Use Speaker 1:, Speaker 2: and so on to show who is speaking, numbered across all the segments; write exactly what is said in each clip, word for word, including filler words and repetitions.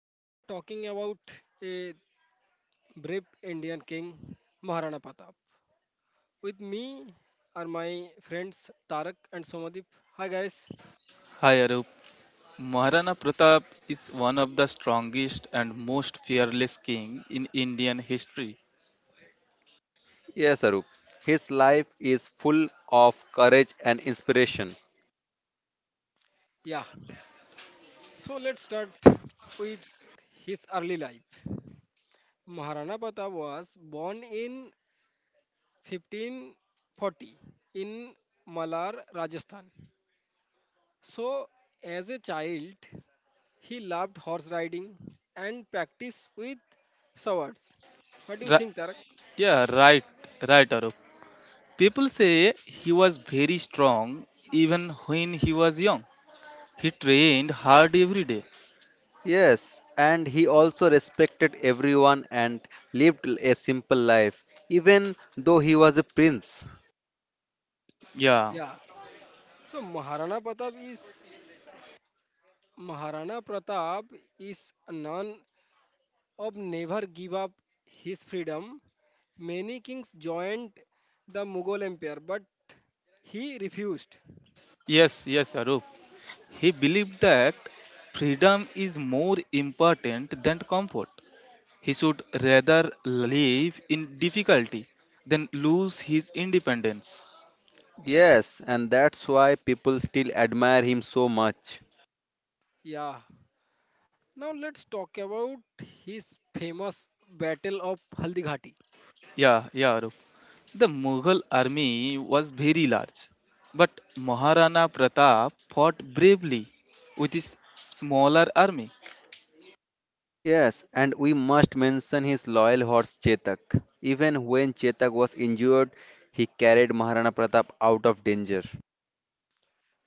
Speaker 1: Today we are talking about a brave Indian king, Maharana Pratap. With me are my friends Tarak and Somadip. Hi guys.
Speaker 2: Hi Arup. Maharana Pratap is one of the strongest and most fearless king in Indian history.
Speaker 3: Yes, Arup. His life is full of courage and inspiration.
Speaker 1: Yeah. So let's start with his early life. Maharana Pratap was born in fifteen forty in Malar, Rajasthan. So, as a child, he loved horse riding and practiced with swords. What do you
Speaker 2: Ri-
Speaker 1: think, Tarak?
Speaker 2: yeah, right, right Arup. People say he was very strong even when he was young. He trained hard every day.
Speaker 3: Yes, and he also respected everyone and lived a simple life, even though he was a prince.
Speaker 2: Yeah,
Speaker 1: Yeah. So Maharana Pratap is Maharana Pratap is a none of never give up his freedom. Many kings joined the Mughal Empire, but he refused.
Speaker 2: yes, yes Arup. He believed that freedom is more important than comfort. He should rather live in difficulty than lose his independence.
Speaker 3: Yes, and that's why people still admire him so much.
Speaker 1: Yeah. Now let's talk about his famous battle of Haldighati.
Speaker 2: Yeah, yeah, Arup. The Mughal army was very large, but Maharana Pratap fought bravely with his smaller army.
Speaker 3: Yes, and we must mention his loyal horse Chetak. Even when Chetak was injured, he carried Maharana Pratap out of danger.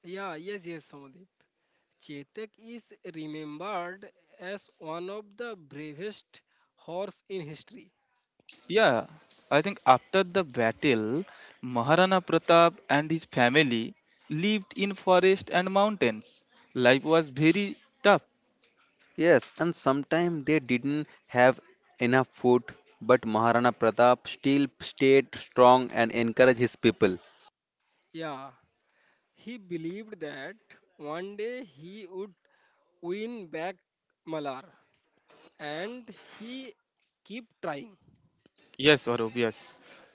Speaker 1: Yeah, yes, yes, Somodip. Chetak is remembered as one of the bravest horse in history.
Speaker 2: Yeah, I think after the battle, Maharana Pratap and his family lived in forest and mountains. Life was very tough.
Speaker 3: Yes, and sometimes they didn't have enough food, but Maharana Pratap still stayed strong and encouraged his people.
Speaker 1: Yeah, he believed that one day he would win back Malar and he keep trying.
Speaker 2: Yes, Aurob, yes.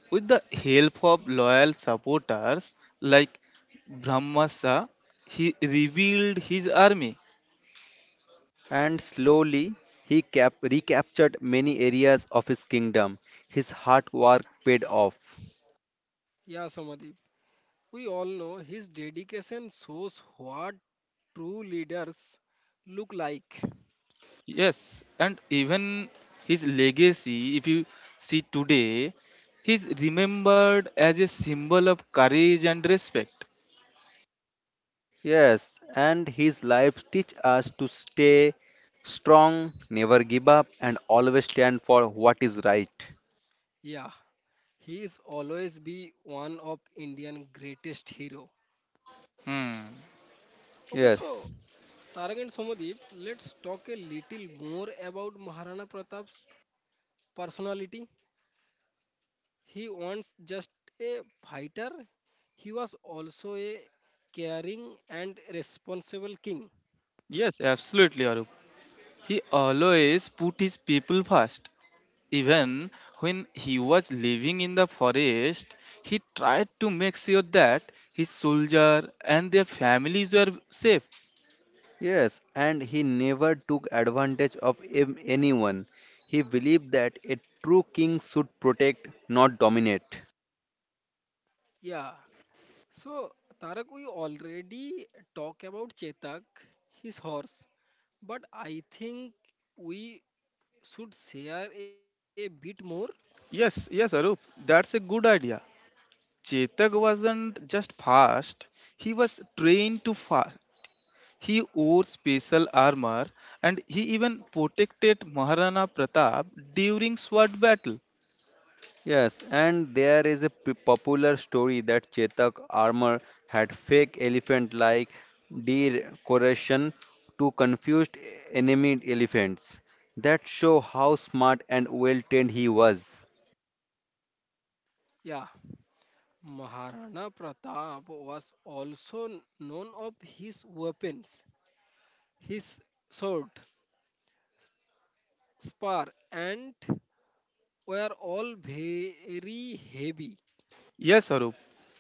Speaker 2: With the help of loyal supporters like Brahmasa, he revealed his army.
Speaker 3: And slowly, he cap- recaptured many areas of his kingdom. His hard work paid off.
Speaker 1: Yeah, Somadip. We all know his dedication shows what true leaders look like.
Speaker 2: Yes, and even his legacy, if you see today, he's remembered as a symbol of courage and respect.
Speaker 3: Yes, and his life teach us to stay strong, never give up, and always stand for what is right.
Speaker 1: Yeah, he is always be one of Indian greatest hero.
Speaker 2: Hmm.
Speaker 1: Okay,
Speaker 3: Yes.
Speaker 1: so Tarak and Somadeep, let's talk a little more about Maharana Pratap's personality. He was just a fighter, he was also a caring and responsible king.
Speaker 2: Yes, absolutely, Arup. He always put his people first. Even when he was living in the forest, he tried to make sure that his soldier and their families were safe.
Speaker 3: Yes, and he never took advantage of em- anyone. He believed that a true king should protect, not dominate.
Speaker 1: Yeah, so Tarak, we already talk about Chetak, his horse, but I think we should share a bit more.
Speaker 2: Yes, yes, Arup, that's a good idea. Chetak wasn't just fast, he was trained to fight. He wore special armor and he even protected Maharana Pratap during sword battle.
Speaker 3: Yes, and there is a p- popular story that Chetak armor had fake elephant like decoration to confused enemy elephants. That show how smart and well trained he was.
Speaker 1: Yeah, Maharana Pratap was also known of his weapons. His sword, spar, and were all very heavy.
Speaker 2: Yes, Arup.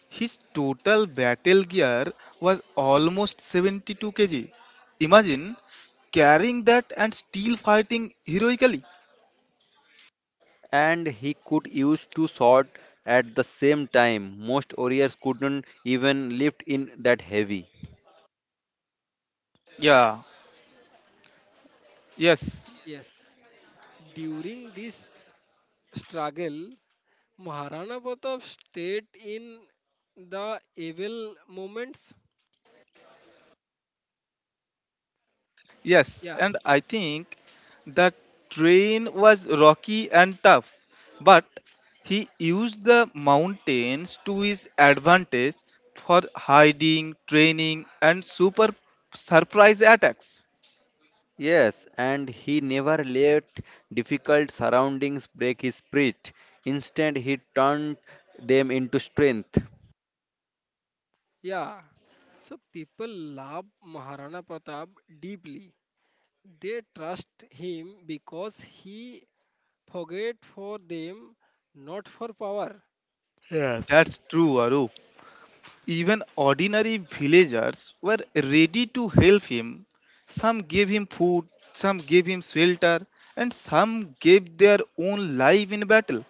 Speaker 2: His total battle gear was almost seventy-two kilograms. Imagine carrying that and still fighting heroically.
Speaker 3: And he could use two swords at the same time. Most warriors couldn't even lift in that heavy.
Speaker 2: Yeah, yes.
Speaker 1: Yes, during this struggle, Maharana Pratap stayed in the evil moments.
Speaker 2: Yes,
Speaker 1: Yeah,
Speaker 2: and I think the train was rocky and tough, but he used the mountains to his advantage for hiding, training, and super surprise attacks.
Speaker 3: Yes, and he never let difficult surroundings break his spirit. Instead, he turned them into strength.
Speaker 1: yeah. So people love Maharana Pratap deeply. They trust him because he forget for them, not for power.
Speaker 3: Yes.
Speaker 2: That's true, Arup. Even ordinary villagers were ready to help him. Some gave him food, some gave him shelter, and some gave their own life in battle.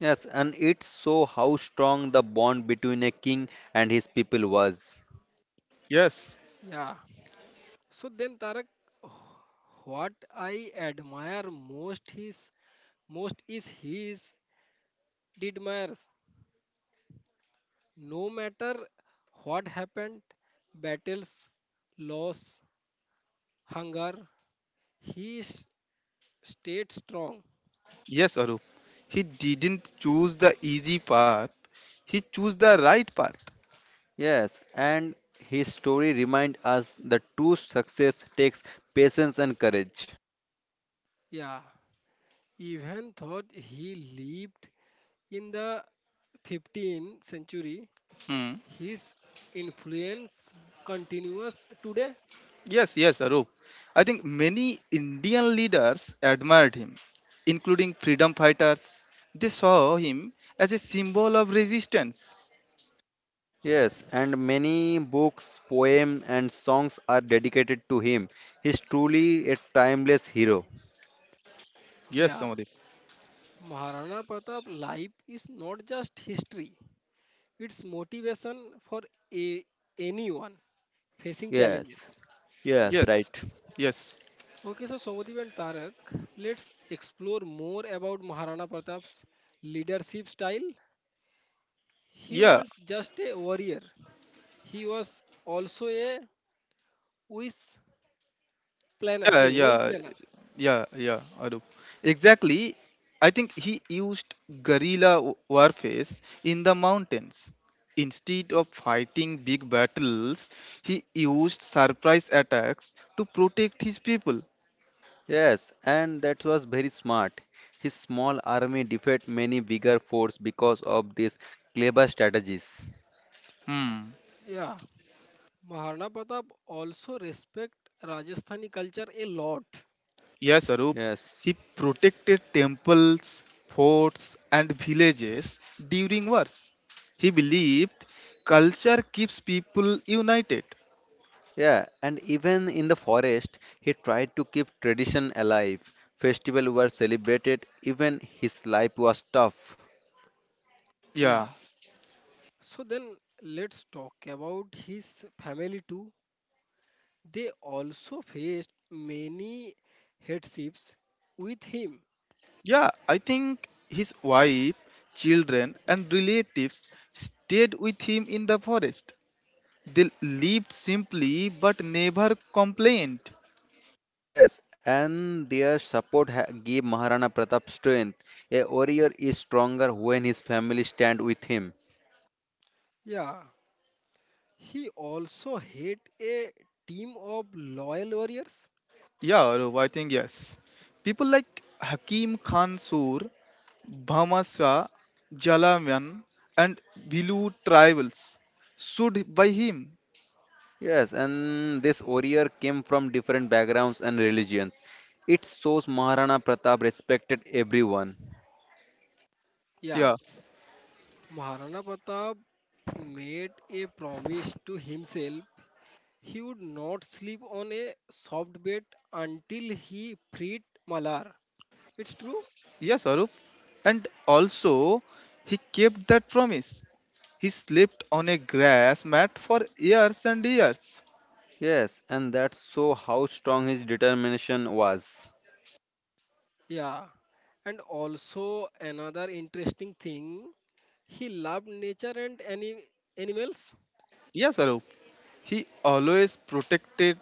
Speaker 3: Yes, and it show how strong the bond between a king and his people was.
Speaker 2: Yes.
Speaker 1: Yeah. So then, Tarak, what I admire most is most is his didmires. No matter what happened, battles, loss, hunger, he s- stayed strong.
Speaker 2: Yes, Arup. He didn't choose the easy path. He chose the right path.
Speaker 3: Yes, and his story reminds us that true success takes patience and courage.
Speaker 1: Yeah, even though he lived in the fifteenth century,
Speaker 2: Hmm.
Speaker 1: his influence continues today.
Speaker 2: Yes, yes, Arup. I think many Indian leaders admired him, including freedom fighters. They saw him as a symbol of resistance.
Speaker 3: Yes, and many books, poems, and songs are dedicated to him. He's truly a timeless hero.
Speaker 2: Yes,
Speaker 1: Yeah,
Speaker 2: Amadip.
Speaker 1: Maharana Pratap life is not just history; it's motivation for a, anyone facing
Speaker 3: Yes,
Speaker 1: challenges.
Speaker 3: yes,
Speaker 2: Yes,
Speaker 3: right.
Speaker 2: yes.
Speaker 1: Okay, so Somadip and Tarak, let's explore more about Maharana Pratap's leadership style. He
Speaker 2: Yeah.
Speaker 1: was just a warrior. He was also a wish planner,
Speaker 2: Yeah,
Speaker 1: a well
Speaker 2: yeah,
Speaker 1: planner.
Speaker 2: yeah, yeah, I exactly. I think he used guerrilla w- warfare in the mountains. Instead of fighting big battles, he used surprise attacks to protect his people.
Speaker 3: Yes, and that was very smart. His small army defeated many bigger force because of these clever strategies.
Speaker 2: Hmm.
Speaker 1: Yeah, Maharana Pratap also respect Rajasthani culture a lot.
Speaker 2: Yes, Arup.
Speaker 3: Yes.
Speaker 2: He protected temples, forts, and villages during wars. He believed culture keeps people united.
Speaker 3: Yeah, and even in the forest, he tried to keep tradition alive. Festivals were celebrated, even his life was tough.
Speaker 2: Yeah.
Speaker 1: Yeah. So then let's talk about his family too. They also faced many hardships with him.
Speaker 2: Yeah, I think his wife, children, and relatives stayed with him in the forest. They lived simply but never complained.
Speaker 3: Yes, and their support ha- gave Maharana Pratap strength. A warrior is stronger when his family stand with him.
Speaker 1: Yeah, he also had a team of loyal warriors.
Speaker 2: Yeah, Arup, I think yes. People like Hakim Khan Sur, Bhamasra, Jalamian, and Bilu tribals stood by him.
Speaker 3: Yes, and this warrior came from different backgrounds and religions. It shows Maharana Pratap respected everyone.
Speaker 1: Yeah,
Speaker 2: Yeah.
Speaker 1: Maharana Pratap made a promise to himself he would not sleep on a soft bed until he freed Malar. It's true?
Speaker 2: Yes, Arup. And also, he kept that promise. He slept on a grass mat for years and years.
Speaker 3: Yes, and that so how strong his determination was.
Speaker 1: Yeah. And also another interesting thing, he loved nature and any animals.
Speaker 2: Yes, Arup. He always protected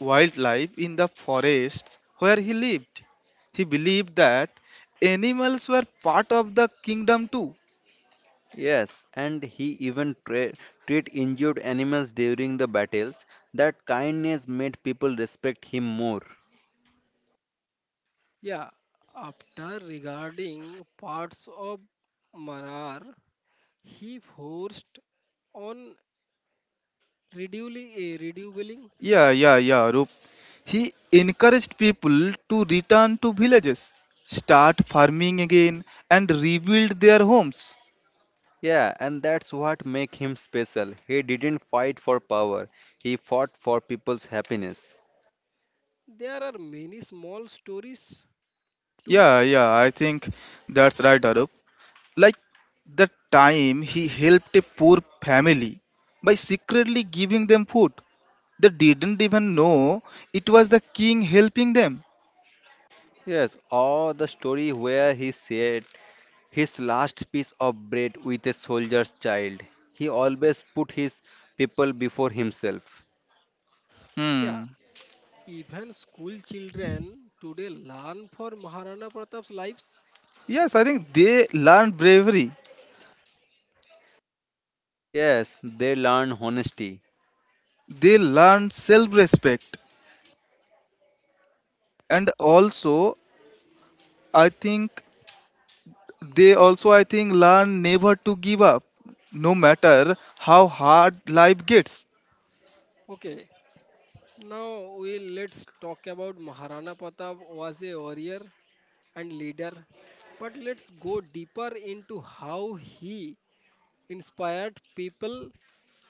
Speaker 2: wildlife in the forests where he lived. He believed that animals were part of the kingdom too.
Speaker 3: Yes, and he even tra- treat injured animals during the battles. That kindness made people respect him more.
Speaker 1: Yeah, after regarding parts of Manar, he forced on reducing, eh, reducing.
Speaker 2: Yeah, yeah, yeah, Arup. He encouraged people to return to villages, start farming again, and rebuild their homes.
Speaker 3: Yeah, and that's what make him special. He didn't fight for power. He fought for people's happiness.
Speaker 1: There are many small stories too.
Speaker 2: Yeah, yeah, I think that's right, Arup. Like the time he helped a poor family by secretly giving them food. They didn't even know it was the king helping them.
Speaker 3: Yes, or the story where he said his last piece of bread with a soldier's child. He always put his people before himself.
Speaker 1: Yeah,
Speaker 2: Hmm.
Speaker 1: even school children today learn for Maharana Pratap's lives.
Speaker 2: Yes, I think they learned bravery.
Speaker 3: Yes, they learn honesty.
Speaker 2: They learned self-respect. And also, I think they also I think learn never to give up, no matter how hard life gets.
Speaker 1: Okay, now we let's talk about Maharana Pratap was a warrior and leader, but let's go deeper into how he inspired people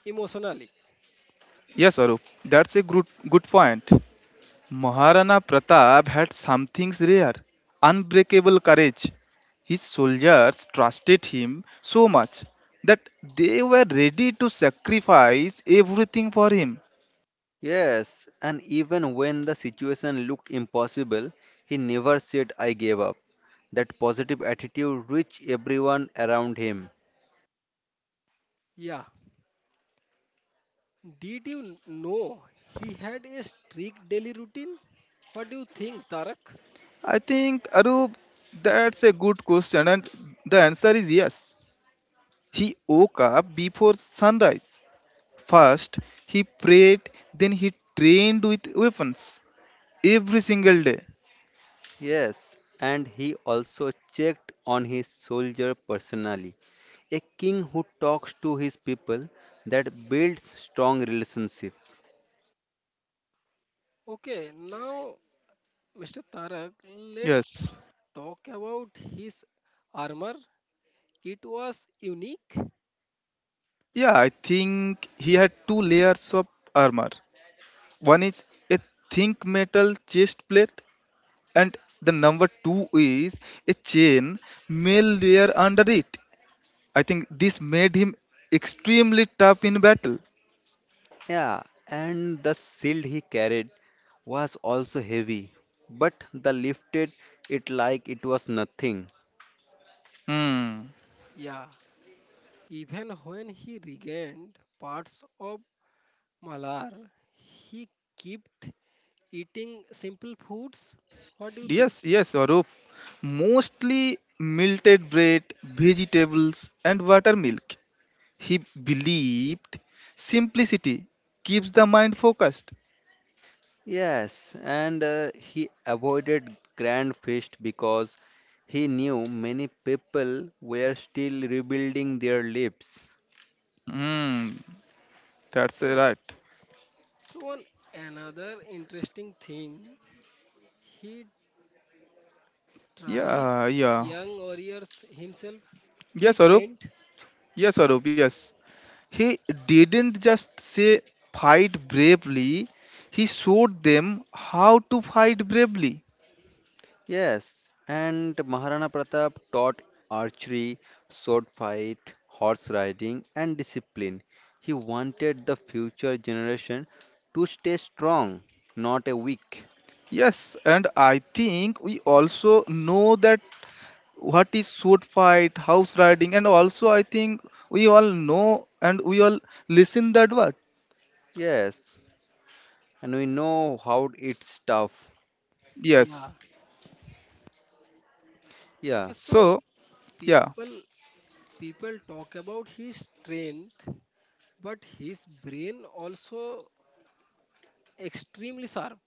Speaker 1: emotionally.
Speaker 2: Yes, Arup, that's a good good point. Maharana Pratap had something rare, unbreakable courage. His soldiers trusted him so much that they were ready to sacrifice everything for him.
Speaker 3: Yes, and even when the situation looked impossible, he never said, I gave up. That positive attitude reached everyone around him.
Speaker 1: Yeah, Did you n- know he had a strict daily routine? What do you think, Tarak?
Speaker 2: I think, Arup, that's a good question, and the answer is yes. He woke up before sunrise. First, he prayed, then, he trained with weapons every single day.
Speaker 3: Yes, and he also checked on his soldier personally. A king who talks to his people that builds strong relationship.
Speaker 1: Okay, now, mister Tarak,
Speaker 2: Yes.
Speaker 1: let's talk about his armor. It was unique.
Speaker 2: Yeah, I think he had two layers of armor. One is a think metal chest plate, and the number two is a chain mail layer under it. I think this made him extremely tough in battle.
Speaker 3: Yeah, and the shield he carried was also heavy, but the lifted it like it was nothing.
Speaker 2: Hmm.
Speaker 1: Yeah, even when he regained parts of Malar, he kept eating simple foods. What do you think?
Speaker 2: Yes, yes, Arup. Mostly melted bread, vegetables, and buttermilk. He believed simplicity keeps the mind focused.
Speaker 3: Yes, and uh, he avoided grand feast because he knew many people were still rebuilding their lives.
Speaker 2: Hmm. That's
Speaker 1: Yeah,
Speaker 2: right.
Speaker 1: so on another interesting thing, he tried
Speaker 2: Yeah, yeah.
Speaker 1: young warriors himself.
Speaker 2: Yes,
Speaker 1: He
Speaker 2: Arup.
Speaker 1: trained.
Speaker 2: Yes, Arup. Yes. He didn't just say fight bravely, he showed them how to fight bravely.
Speaker 3: Yes, and Maharana Pratap taught archery, sword fight, horse riding, and discipline. He wanted the future generation to stay strong, not a weak.
Speaker 2: Yes, and I think we also know that what is sword fight, house riding, and also I think we all know and we all listen that word.
Speaker 3: Yes, and we know how it's tough.
Speaker 2: Yes.
Speaker 1: Yeah.
Speaker 3: Yeah,
Speaker 1: Okay. So
Speaker 2: So yeah,
Speaker 1: people people talk about his strength, but his brain also extremely sharp.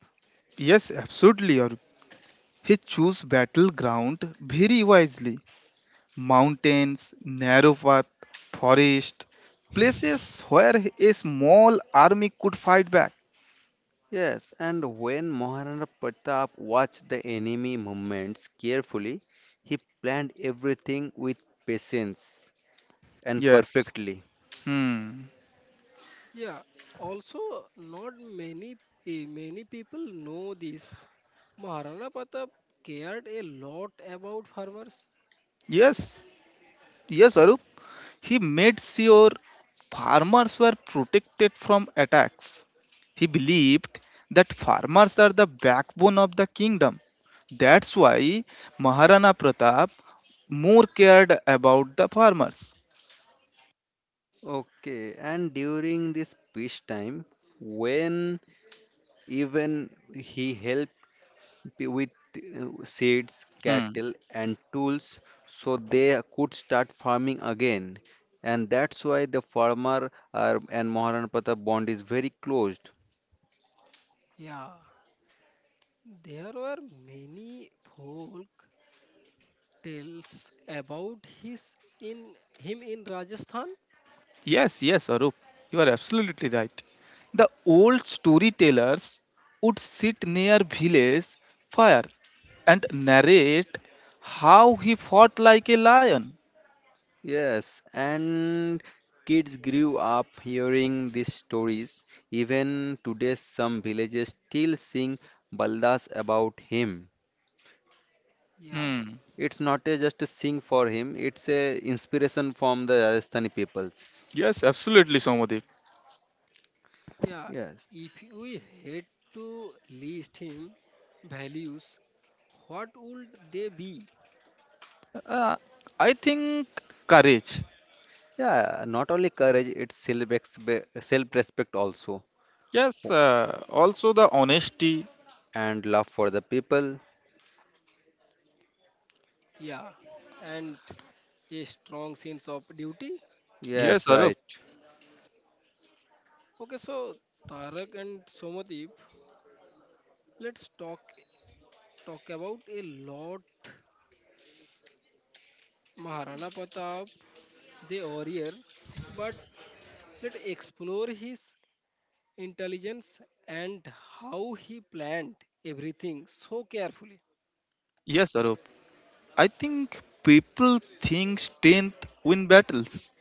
Speaker 2: yes, absolutely. Or He chose battleground very wisely: mountains, narrow path, forest, places where a small army could fight back.
Speaker 3: yes, and when Maharana Pratap watched the enemy movements carefully, he planned everything with patience and
Speaker 2: Yes.
Speaker 3: perfectly.
Speaker 2: Hmm.
Speaker 1: Yeah. Also, not many eh, many people know this. Maharana Pratap cared a lot about farmers.
Speaker 2: Yes. Yes, Arup. He made sure farmers were protected from attacks. He believed that farmers are the backbone of the kingdom. That's why Maharana Pratap more cared about the farmers.
Speaker 3: Okay, and during this peace time, when even he helped with uh, seeds,
Speaker 2: Hmm.
Speaker 3: cattle, and tools so they could start farming again. And that's why the farmer uh, and Maharana Pratap bond is very close.
Speaker 1: Yeah, there were many folk tales about his in him in Rajasthan.
Speaker 2: Yes, yes, Arup, you are absolutely right. The old storytellers would sit near village fire and narrate how he fought like a lion.
Speaker 3: Yes, and kids grew up hearing these stories. Even today, some villages still sing baldas about him.
Speaker 1: Yeah,
Speaker 2: Hmm.
Speaker 3: It's not a just a sing for him. It's a inspiration from the Rajasthani peoples.
Speaker 2: Yes, absolutely, Somadev.
Speaker 1: yeah.
Speaker 3: Yes.
Speaker 1: If we had to list him values, what would they be?
Speaker 2: Uh, I think courage.
Speaker 3: Yeah. Not only courage, it's self self respect also
Speaker 2: Yes, uh, also the honesty.
Speaker 3: and love for the people.
Speaker 1: Yeah, and a strong sense of duty.
Speaker 2: Yes,
Speaker 3: Yes.
Speaker 2: Arup.
Speaker 3: Right.
Speaker 1: Okay, so Tarak and Somadip, let's talk talk about a lot Maharana Pratap, the warrior, but let's explore his intelligence and how he planned everything so carefully.
Speaker 2: Yes, Arup. I think people think strength win battles,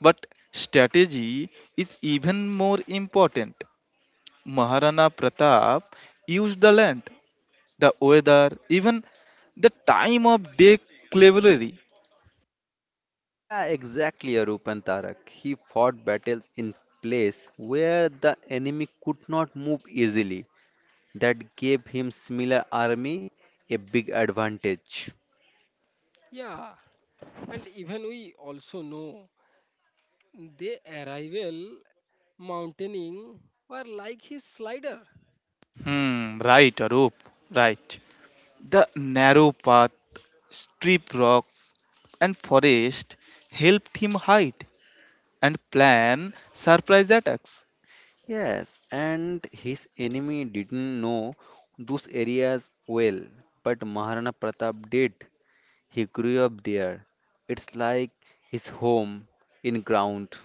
Speaker 2: but strategy is even more important. Maharana Pratap used the land, the weather, even the time of day cleverly.
Speaker 3: Yeah. Exactly. Arup and Tarak. He fought battles in place where the enemy could not move easily. That gave him similar army a big advantage.
Speaker 1: Yeah, and even we also know the arrival mountaineering were like his slider.
Speaker 2: Hmm, right, Arup, right. The narrow path, steep rocks, and forest helped him hide and plan surprise attacks.
Speaker 3: Yes, and his enemy didn't know those areas well, but Maharana Pratap did. He grew up there. It's like his home in ground,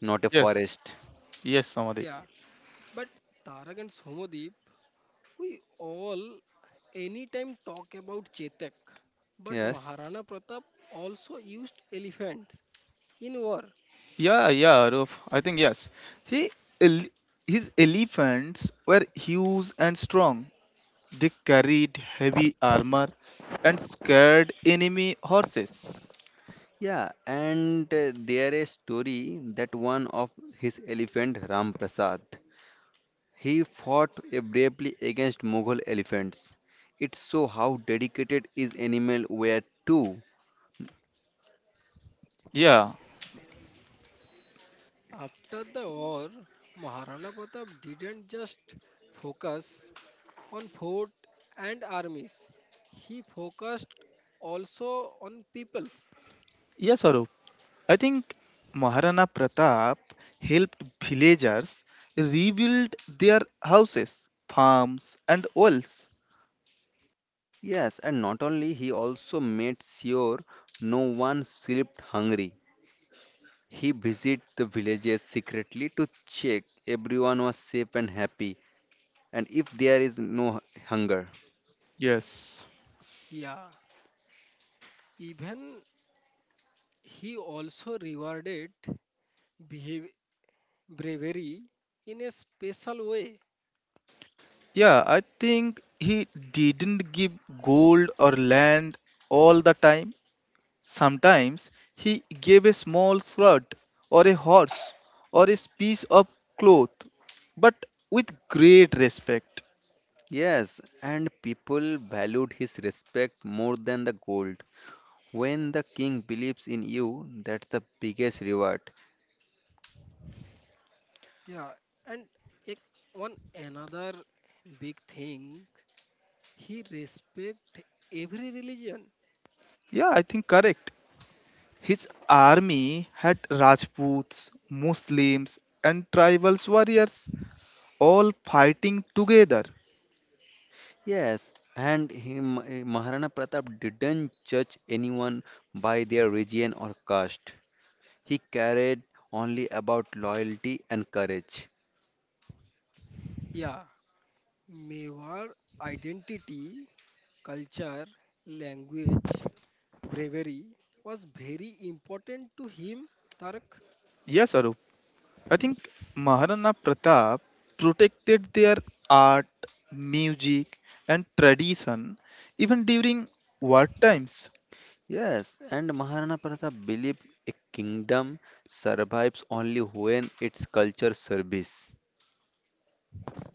Speaker 3: not a
Speaker 2: Yes,
Speaker 3: forest.
Speaker 2: yes, Samadhi.
Speaker 1: Yeah. But Tarak and Somadeep, we all anytime talk about Chetak. But
Speaker 3: Yes.
Speaker 1: Maharana Pratap also used elephants in war.
Speaker 2: Yeah, yeah, Arup. I think yes. He, ele- his elephants were huge and strong. They carried heavy armor and scared enemy horses.
Speaker 3: Yeah, and uh, there is story that one of his elephant Ram Prasad, he fought uh, bravely against Mughal elephants. It shows how dedicated his animal were too.
Speaker 2: Yeah,
Speaker 1: After the war, Maharana Pratap didn't just focus on fort and armies. He focused also on peoples.
Speaker 2: yes, Arup. I think Maharana Pratap helped villagers rebuild their houses, farms, and wells.
Speaker 3: Yes, and not only he also made sure no one slept hungry. He visited the villages secretly to check everyone was safe and happy and if there is no hu- hunger.
Speaker 2: Yes.
Speaker 1: Yeah, even he also rewarded behav- bravery in a special way.
Speaker 2: Yeah, I think he didn't give gold or land all the time. Sometimes he gave a small shirt or a horse or a piece of cloth, but with great respect.
Speaker 3: Yes, and people valued his respect more than the gold. When the king believes in you, that's the biggest reward.
Speaker 1: Yeah, and ek- one another big thing, he respect every religion.
Speaker 2: Yeah, I think correct. His army had Rajputs, Muslims, and tribal warriors all fighting together.
Speaker 3: Yes, and he, Maharana Pratap didn't judge anyone by their region or caste. He cared only about loyalty and courage.
Speaker 1: Yeah, Mewar identity, culture, language, bravery was very important to him, Tarak.
Speaker 2: Yes, Arup. I think Maharana Pratap protected their art, music, and tradition even during war times.
Speaker 3: Yes, and Maharana Pratap believed a kingdom survives only when its culture service.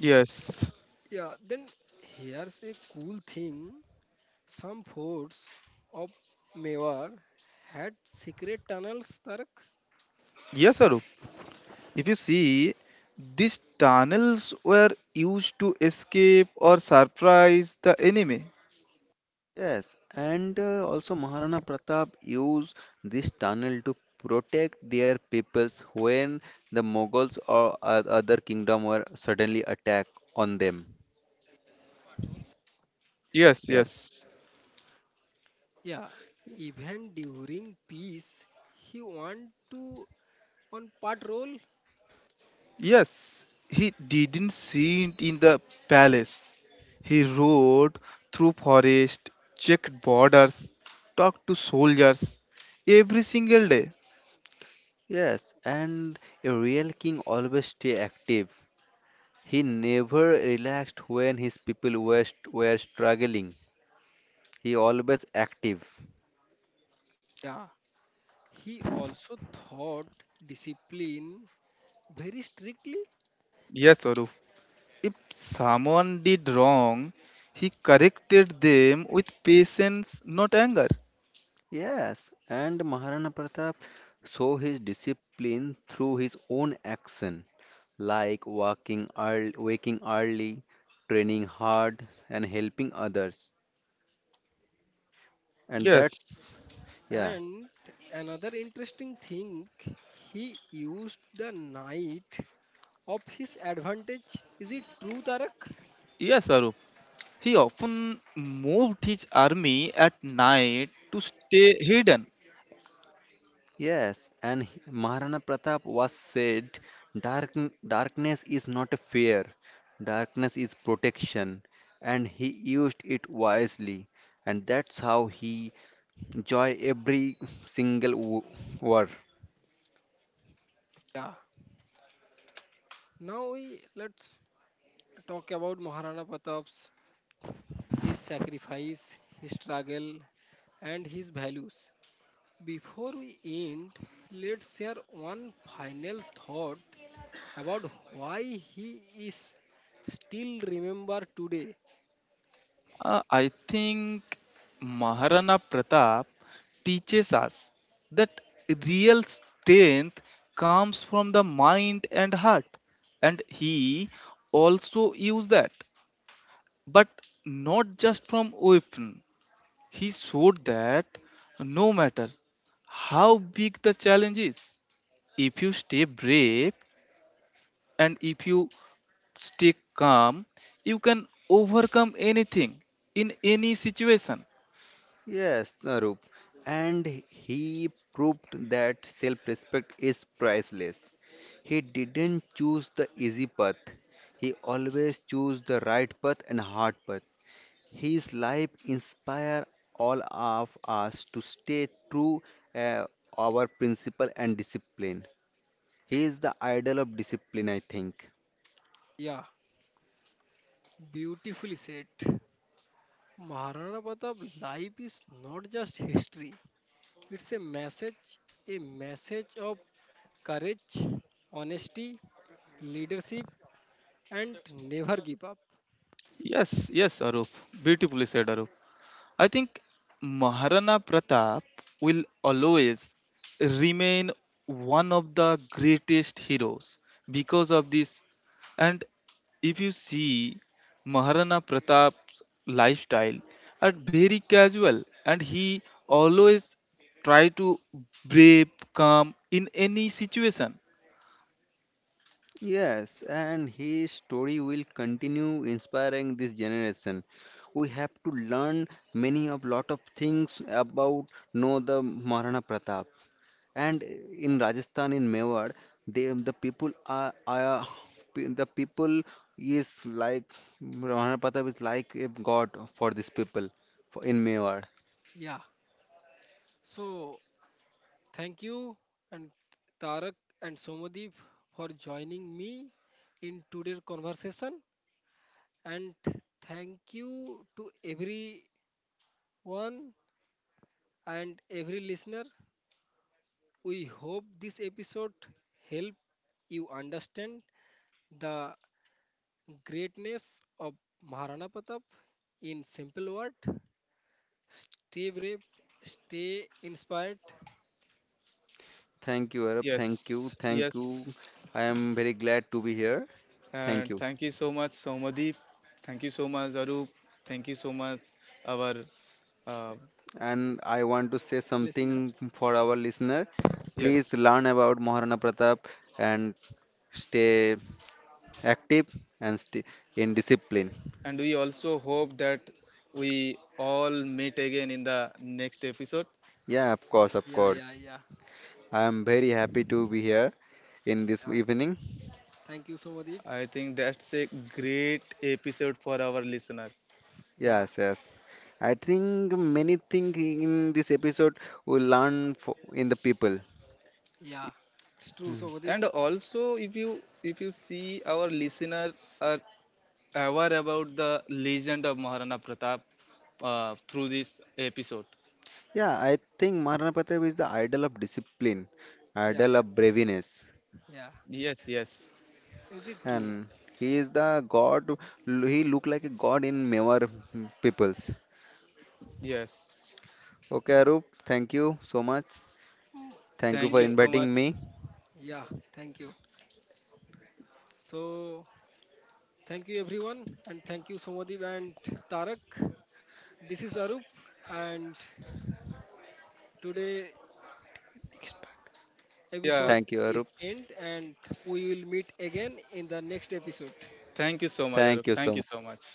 Speaker 2: Yes.
Speaker 1: Yeah, then here's a cool thing. Some forts of Mewar had secret tunnels, Tarak.
Speaker 2: Yes, Arup. If you see, these tunnels were used to escape or surprise the enemy.
Speaker 3: Yes, and uh, also Maharana Pratap used this tunnel to protect their peoples when the Mughals or o- other kingdom were suddenly attacked on them.
Speaker 2: Yes,
Speaker 3: Yeah.
Speaker 2: yes.
Speaker 1: Yeah, even during peace, he went to on patrol.
Speaker 2: Yes, he didn't see it in the palace. He rode through forest, checked borders, talked to soldiers every single day.
Speaker 3: Yes, and a real king always stay active. He never relaxed when his people were, st- were struggling. He always active.
Speaker 1: Yeah, he also thought discipline very strictly.
Speaker 2: Yes, Arup. If someone did wrong, he corrected them with patience, not anger.
Speaker 3: Yes, and Maharana Pratap saw his discipline through his own action, like walking early, waking early, training hard, and helping others. And
Speaker 2: Yes.
Speaker 3: that's yeah.
Speaker 1: And another interesting thing, he used the night of his advantage. Is it true, Tarak?
Speaker 2: Yes, Arup. He often moved his army at night to stay hidden.
Speaker 3: Yes, and he- Maharana Pratap was said, Dark, darkness is not a fear, darkness is protection, and he used it wisely, and that's how he joy every single wo- war.
Speaker 1: Yeah. Now we let's talk about Maharana Pratap's his sacrifice, his struggle, and his values. Before we end, let's share one final thought about why he is still remembered today.
Speaker 2: Uh, I think Maharana Pratap teaches us that real strength comes from the mind and heart, and he also used that, but not just from weapon. He showed that no matter how big the challenge is, if you stay brave and if you stay calm, you can overcome anything in any situation.
Speaker 3: Yes, Narup, and he proved that self-respect is priceless. He didn't choose the easy path; he always chose the right path and hard path. His life inspire all of us to stay true uh, our principle and discipline. He is the idol of discipline, I think.
Speaker 1: Yeah, beautifully said. Maharana Pratap's life is not just history, it's a message, a message of courage, honesty, leadership, and never give up.
Speaker 2: Yes, yes, Arup. Beautifully said, Arup. I think Maharana Pratap will always remain one of the greatest heroes because of this. And if you see Maharana Pratap's lifestyle, are very casual, and he always try to brave, calm in any situation.
Speaker 3: Yes, and his story will continue inspiring this generation. We have to learn many of lot of things about know the Maharana Pratap. And in Rajasthan in Mewar they the people are, are pe- the people is like Rana Pratap is like a god for these people for, in Mewar.
Speaker 1: Yeah, so thank you and Tarak and Somadeep for joining me in today's conversation and thank you to everyone and every listener. We hope this episode help you understand the greatness of Maharana Pratap in simple word. Stay brave, stay inspired,
Speaker 3: Thank you, Arab, thank you,
Speaker 2: Yes,
Speaker 3: thank you.
Speaker 2: yes.
Speaker 3: I am very glad to be here. Thank
Speaker 2: And
Speaker 3: you.
Speaker 2: thank you so much, Somadeep. Thank you so much, Arup. Thank you so much, our uh,
Speaker 3: And I want to say something
Speaker 1: listener.
Speaker 3: for our listener. Please
Speaker 2: yes.
Speaker 3: learn about Maharana Pratap and stay active and stay in discipline.
Speaker 2: And we also hope that we all meet again in the next episode.
Speaker 3: Yeah, of course, of
Speaker 1: Yeah, yeah,
Speaker 3: course.
Speaker 1: yeah,
Speaker 3: I am very happy to be here in this
Speaker 1: yeah.
Speaker 3: evening.
Speaker 1: Thank you, Somadeep.
Speaker 2: I think that's a great episode for our listener.
Speaker 1: Yeah.
Speaker 3: Yes, yes. I think many things in this episode will learn for, in the people.
Speaker 1: Yeah, it's true, Sobadeep.
Speaker 2: And also, if you if you see our listener are aware about the legend of Maharana Pratap uh, through this episode.
Speaker 3: Yeah, I think Maharana Pratap is the idol of discipline,
Speaker 1: Yeah,
Speaker 3: idol
Speaker 1: yeah,
Speaker 3: of braveness,
Speaker 1: yeah.
Speaker 2: Yes, yes,
Speaker 1: Is it true?
Speaker 3: and he is the god. He look like a god in Mewar peoples.
Speaker 2: yes.
Speaker 3: Okay, Arup, thank you so much.
Speaker 1: Mm,
Speaker 3: Thank you
Speaker 2: Thank
Speaker 3: for
Speaker 2: you
Speaker 1: actually,
Speaker 2: so
Speaker 3: inviting
Speaker 2: much.
Speaker 3: me.
Speaker 1: yeah, thank you. So, thank you everyone, and thank you, Somadeep and Tarak. This is Arup, and today
Speaker 2: Yeah.
Speaker 1: episode
Speaker 3: Thank you,
Speaker 1: is
Speaker 3: Arup.
Speaker 1: end, and we will meet again in the next episode.
Speaker 2: Thank you so much, Arup.
Speaker 3: Thank you so
Speaker 2: Thank you
Speaker 3: much.
Speaker 2: so much.